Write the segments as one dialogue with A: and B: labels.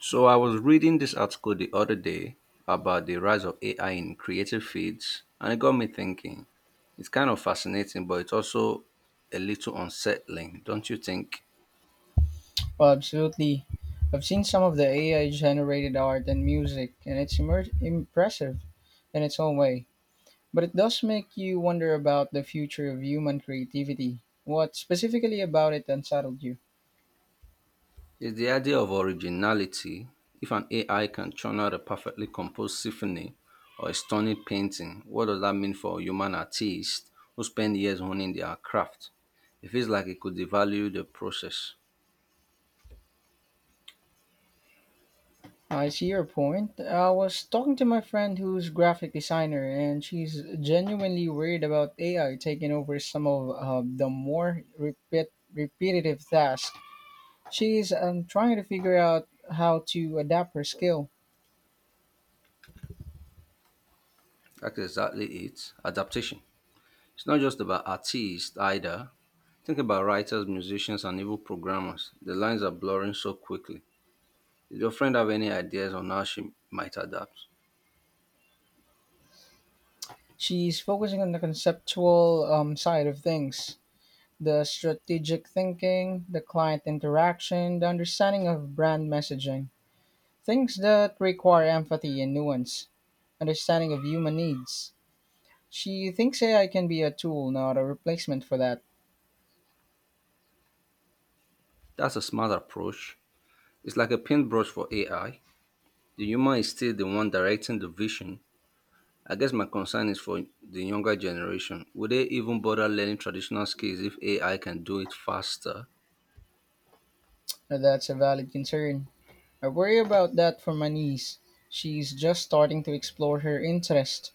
A: So I was reading this article the other day about the rise of AI in creative fields, and it got me thinking. It's kind of fascinating, but it's also a little unsettling, don't you think?
B: Oh, absolutely. I've seen some of the AI generated art and music, and it's impressive in its own way. But it does make you wonder about the future of human creativity. What specifically about it unsettled you?
A: It's the idea of originality. If an AI can churn out a perfectly composed symphony or a stunning painting, what does that mean for a human artist who spend years honing their craft? It feels like it could devalue the process.
B: I see your point. I was talking to my friend who's graphic designer, and she's genuinely worried about AI taking over some of the more repetitive tasks. She's trying to figure out how to adapt her skill.
A: That's exactly it. Adaptation. It's not just about artists either. Think about writers, musicians, and even programmers. The lines are blurring so quickly. Did your friend have any ideas on how she might adapt?
B: She's focusing on the conceptual side of things, the strategic thinking, the client interaction, the understanding of brand messaging, things that require empathy and nuance, understanding of human needs. She thinks AI can be a tool, not a replacement for that.
A: That's a smart approach. It's like a paintbrush for AI. The human is still the one directing the vision. I guess my concern is for the younger generation. Would they even bother learning traditional skills if AI can do it faster?
B: Now, that's a valid concern. I worry about that for my niece. She's just starting to explore her interest.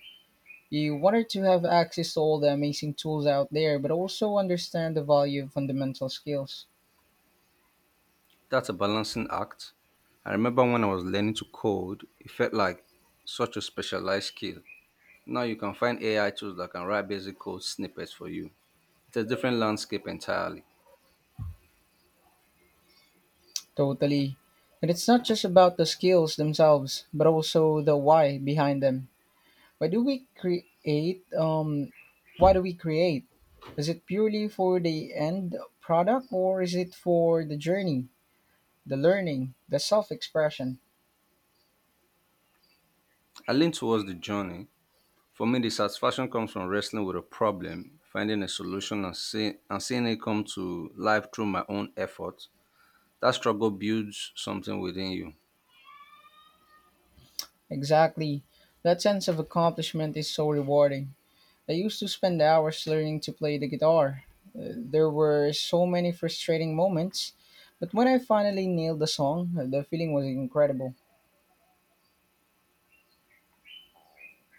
B: You want her to have access to all the amazing tools out there, but also understand the value of fundamental skills.
A: That's a balancing act. I remember when I was learning to code, it felt like such a specialized skill. Now you can find AI tools that can write basic code snippets for you. It's a different landscape entirely.
B: Totally. And it's not just about the skills themselves, but also the why behind them. Why do we create? Why do we create? Is it purely for the end product, or is it for the journey, the learning, the self expression?
A: I lean towards the journey. For me, the satisfaction comes from wrestling with a problem, finding a solution, and seeing it come to life through my own effort. That struggle builds something within you.
B: Exactly. That sense of accomplishment is so rewarding. I used to spend hours learning to play the guitar. There were so many frustrating moments, but when I finally nailed the song, the feeling was incredible.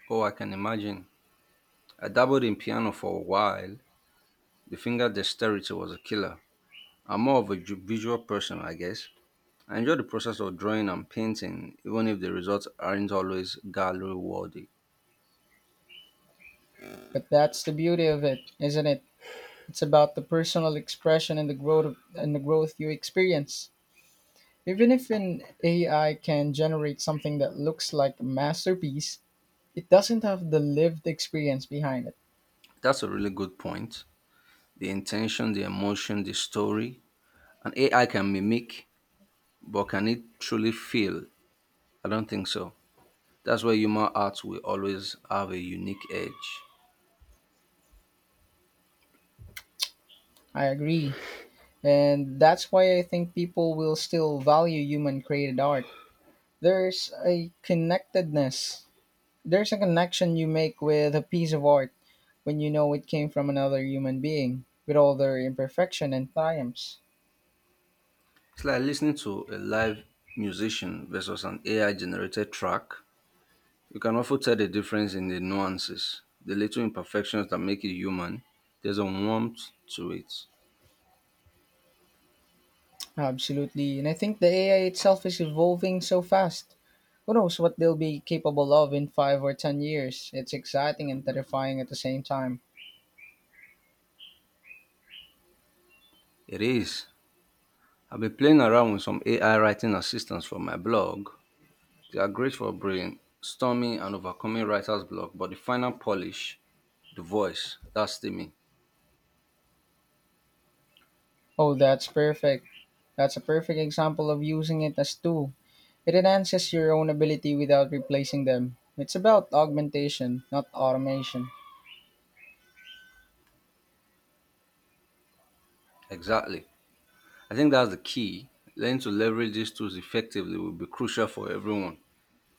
A: Oh, I can imagine. I dabbled in piano for a while. The finger dexterity was a killer. I'm more of a visual person, I guess. I enjoy the process of drawing and painting, even if the results aren't always gallery worthy.
B: But that's the beauty of it, isn't it? It's about the personal expression and and the growth you experience. Even if an AI can generate something that looks like a masterpiece, it doesn't have the lived experience behind it.
A: That's a really good point. The intention, the emotion, the story. An AI can mimic, but can it truly feel? I don't think so. That's why human art will always have a unique edge.
B: I agree. And that's why I think people will still value human created art. There's a connectedness. There's a connection you make with a piece of art when you know it came from another human being, with all their imperfection and triumphs.
A: It's like listening to a live musician versus an AI generated track. You can often tell the difference in the nuances, the little imperfections that make it human. There's a warmth to it.
B: Absolutely. And I think the AI itself is evolving so fast. Who knows what they'll be capable of in 5 or 10 years? It's exciting and terrifying at the same time.
A: It is. I've been playing around with some AI writing assistants for my blog. They are great for brainstorming and overcoming writer's block, but the final polish, the voice, that's the me.
B: Oh, that's perfect. That's a perfect example of using it as tool. It enhances your own ability without replacing them. It's about augmentation, not automation.
A: Exactly. I think that's the key. Learning to leverage these tools effectively will be crucial for everyone.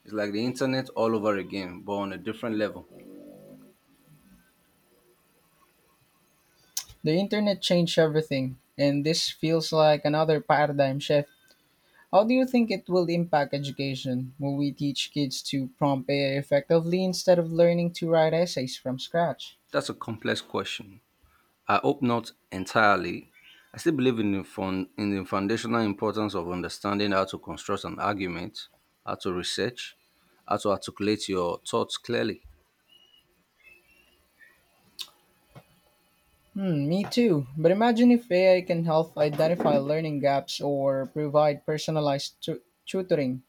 A: It's like the internet all over again, but on a different level.
B: The internet changed everything, and this feels like another paradigm shift. How do you think it will impact education? Will we teach kids to prompt AI effectively instead of learning to write essays from scratch?
A: That's a complex question. I hope not entirely. I still believe in the, fun, in the foundational importance of understanding how to construct an argument, how to research, how to articulate your thoughts clearly.
B: Hmm, me too. But imagine if AI can help identify learning gaps or provide personalized tutoring.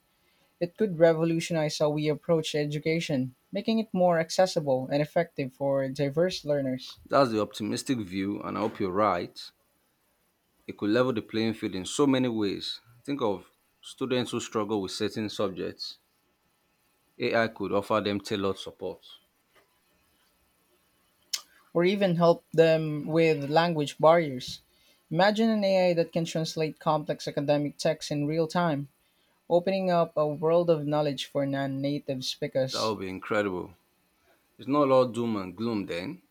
B: It could revolutionize how we approach education, making it more accessible and effective for diverse learners,
A: That's the optimistic view, and I hope you're right. It could level the playing field in so many ways. Think of students who struggle with certain subjects. AI could offer them tailored support.
B: or even help them with language barriers. Imagine an AI that can translate complex academic texts in real time, opening up a world of knowledge for non-native
A: That
B: speakers.
A: would be incredible. It's not all doom and gloom then.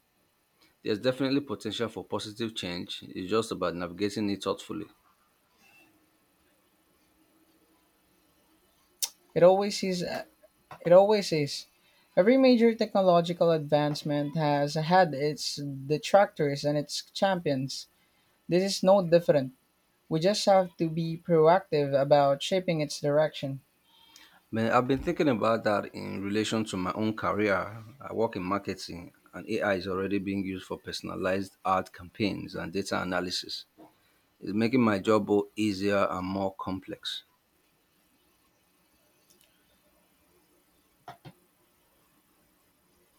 A: There's definitely potential for positive change. It's just about navigating it thoughtfully.
B: It always is. It always is. Every major technological advancement has had its detractors and its champions. This is no different. We just have to be proactive about shaping its direction.
A: Man, I've been thinking about that in relation to my own career. I work in marketing, and AI is already being used for personalized ad campaigns and data analysis. Is making my job both easier and more complex.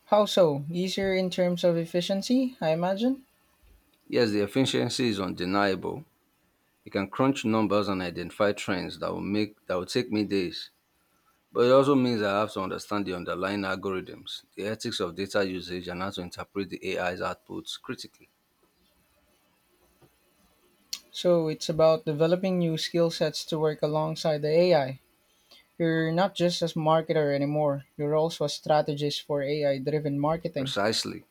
B: How so? Easier in terms of efficiency, I imagine?
A: Yes, the efficiency is undeniable. You can crunch numbers and identify trends that will take me days. But it also means I have to understand the underlying algorithms, the ethics of data usage, and how to interpret the AI's outputs critically.
B: So it's about developing new skill sets to work alongside the AI. You're not just a marketer anymore, you're also a strategist for AI driven marketing.
A: Precisely.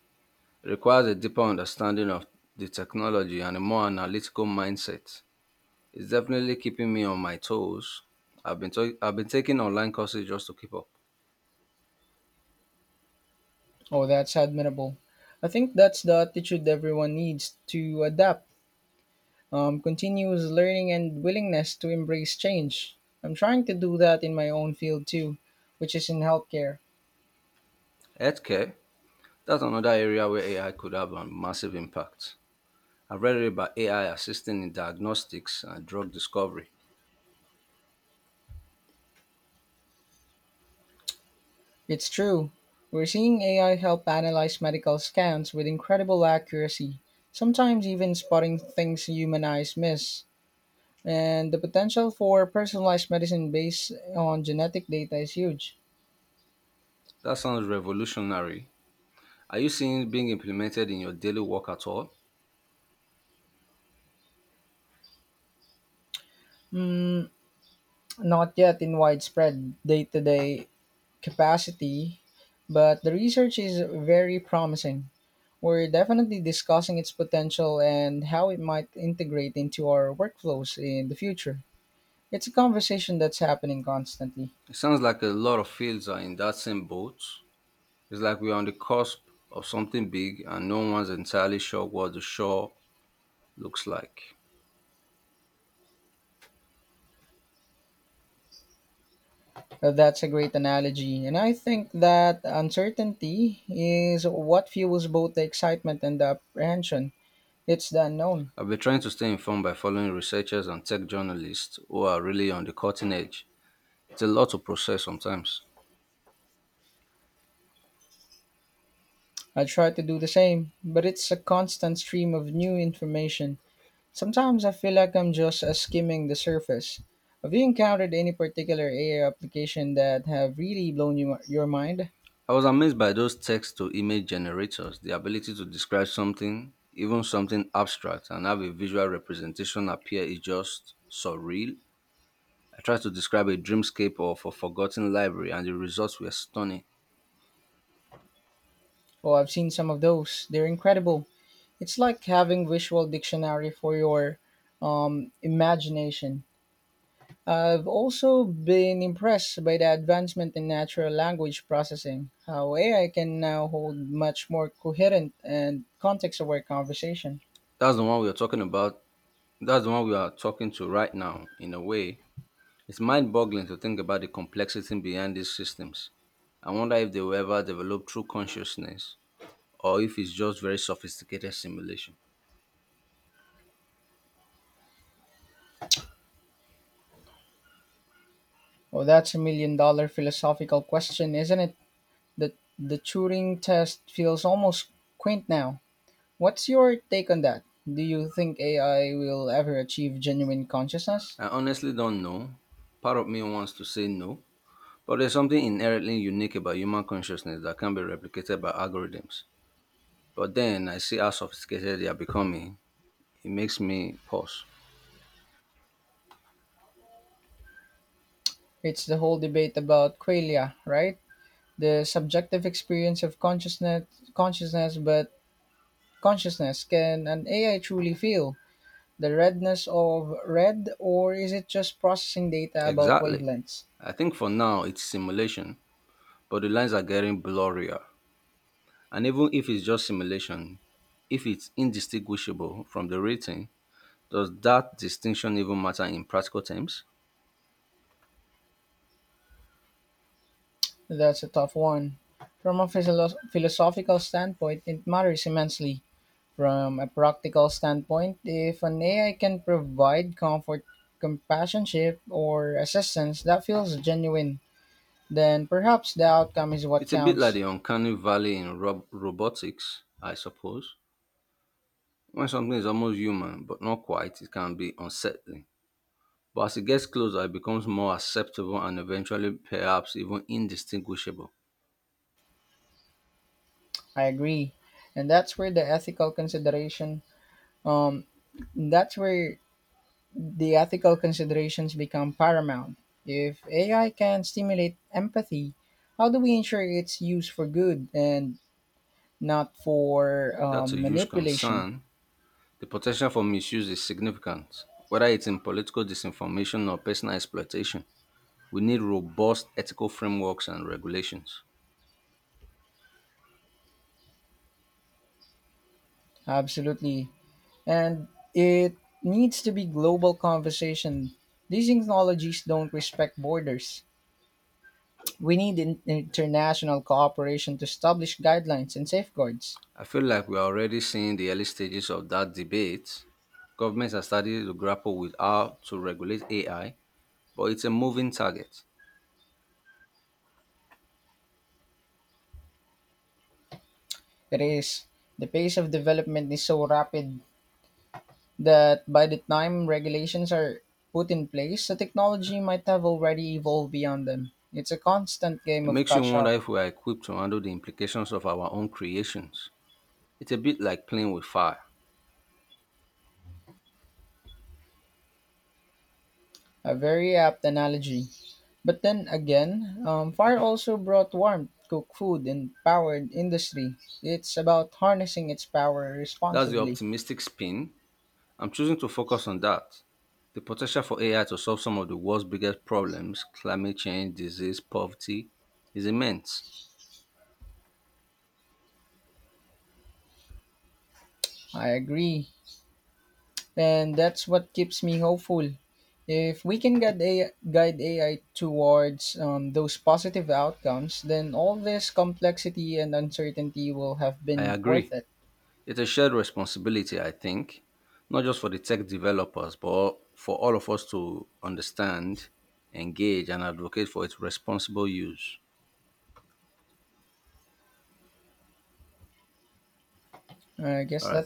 A: It requires a deeper understanding of the technology and a more analytical mindset. It's definitely keeping me on my toes. I've been taking online courses just to keep up.
B: Oh, that's admirable. I think that's the attitude everyone needs to adapt: continuous learning, and willingness to embrace change. I'm trying to do that in my own field too, which is in healthcare.
A: Healthcare. That's another area where AI could have a massive impact. I've read about AI assisting in diagnostics and drug discovery.
B: It's true. We're seeing AI help analyze medical scans with incredible accuracy, sometimes even spotting things human eyes miss. And the potential for personalized medicine based on genetic data is huge.
A: That sounds revolutionary. Are you seeing it being implemented in your daily work at all?
B: Mm, not yet in widespread day to day capacity, but the research is very promising. We're definitely discussing its potential and how it might integrate into our workflows in the future. It's a conversation that's happening constantly.
A: It sounds like a lot of fields are in that same boat. It's like we're on the cusp of something big and no one's entirely sure what the shore looks like.
B: That's a great analogy. And I think that uncertainty is what fuels both the excitement and the apprehension. It's the unknown.
A: I've been trying to stay informed by following researchers and tech journalists who are really on the cutting edge. It's a lot to process sometimes.
B: I try to do the same, but it's a constant stream of new information. Sometimes I feel like I'm just skimming the surface. Have you encountered any particular AI application that have really your mind?
A: I was amazed by those text to image generators, the ability to describe something, even something abstract, and have a visual representation appear is just surreal. I tried to describe a dreamscape of a forgotten library, and the results were stunning.
B: Oh, I've seen some of those. They're incredible. It's like having visual dictionary for your imagination. I've also been impressed by the advancement in natural language processing, how AI can now hold much more coherent and context aware conversation.
A: That's the one we are talking about. That's the one we are talking to right now, in a way. It's mind boggling to think about the complexity behind these systems. I wonder if they will ever develop true consciousness, or if it's just very sophisticated simulation.
B: Oh, that's a million dollar philosophical question, isn't it? The the Turing test feels almost quaint now. What's your take on that? Do you think AI will ever achieve genuine consciousness?
A: I honestly don't know. Part of me wants to say no, but there's something inherently unique about human consciousness that can be replicated by algorithms. But then I see how sophisticated they are becoming. It makes me pause.
B: It's the whole debate about qualia, right? The subjective experience of consciousness consciousness but consciousness can an AI truly feel the redness of red, or is it just processing data about
A: Exactly.
B: wavelengths?
A: I think for now it's simulation, but the lines are getting blurrier. And even if it's just simulation, if it's indistinguishable from the rating, does that distinction even matter in practical terms?
B: That's a tough one. From a philosophical standpoint, it matters immensely. From a practical standpoint, if an AI can provide comfort, companionship, or assistance that feels genuine, then perhaps the outcome is what
A: It's a bit like
B: counts.
A: the uncanny valley in robotics, I suppose. When something is almost human but not quite, it can be unsettling. But as it gets closer, it becomes more acceptable and eventually perhaps even indistinguishable.
B: I agree. And that's where the ethical consideration um that's where the ethical considerations become paramount. If AI can stimulate empathy, how do we ensure it's used for good and not for
A: That's a huge
B: manipulation?
A: concern. The potential for misuse is significant, whether it's in political disinformation or personal exploitation. We need robust ethical frameworks and regulations.
B: Absolutely. And it needs to be global conversation. These technologies don't respect borders. We need international cooperation to establish guidelines and safeguards.
A: I feel like we're already seeing the early stages of that debate. Governments are starting to grapple with how to regulate AI, but it's a moving target.
B: It is. The pace of development is so rapid that by the time regulations are put in place, the technology might have already evolved beyond them. It's a constant game
A: It
B: of
A: makes you
B: catch
A: wonder
B: up.
A: if we are equipped to handle the implications of our own creations. It's a bit like playing with fire.
B: A very apt analogy. But then again, fire also brought warmth, cooked food, and powered industry. It's about harnessing its power
A: That's the
B: responsibly.
A: optimistic spin. I'm choosing to focus on that. The potential for AI to solve some of the world's biggest problems climate change, disease, poverty is immense.
B: I agree. And that's what keeps me hopeful. If we can guide AI towards those positive outcomes, then all this complexity and uncertainty will have
A: I
B: been worth
A: agree.
B: it.
A: It's a shared responsibility, I think, not just for the tech developers, but for all of us to understand, engage, and advocate for its responsible use.
B: I
A: All
B: guess
A: right.
B: that's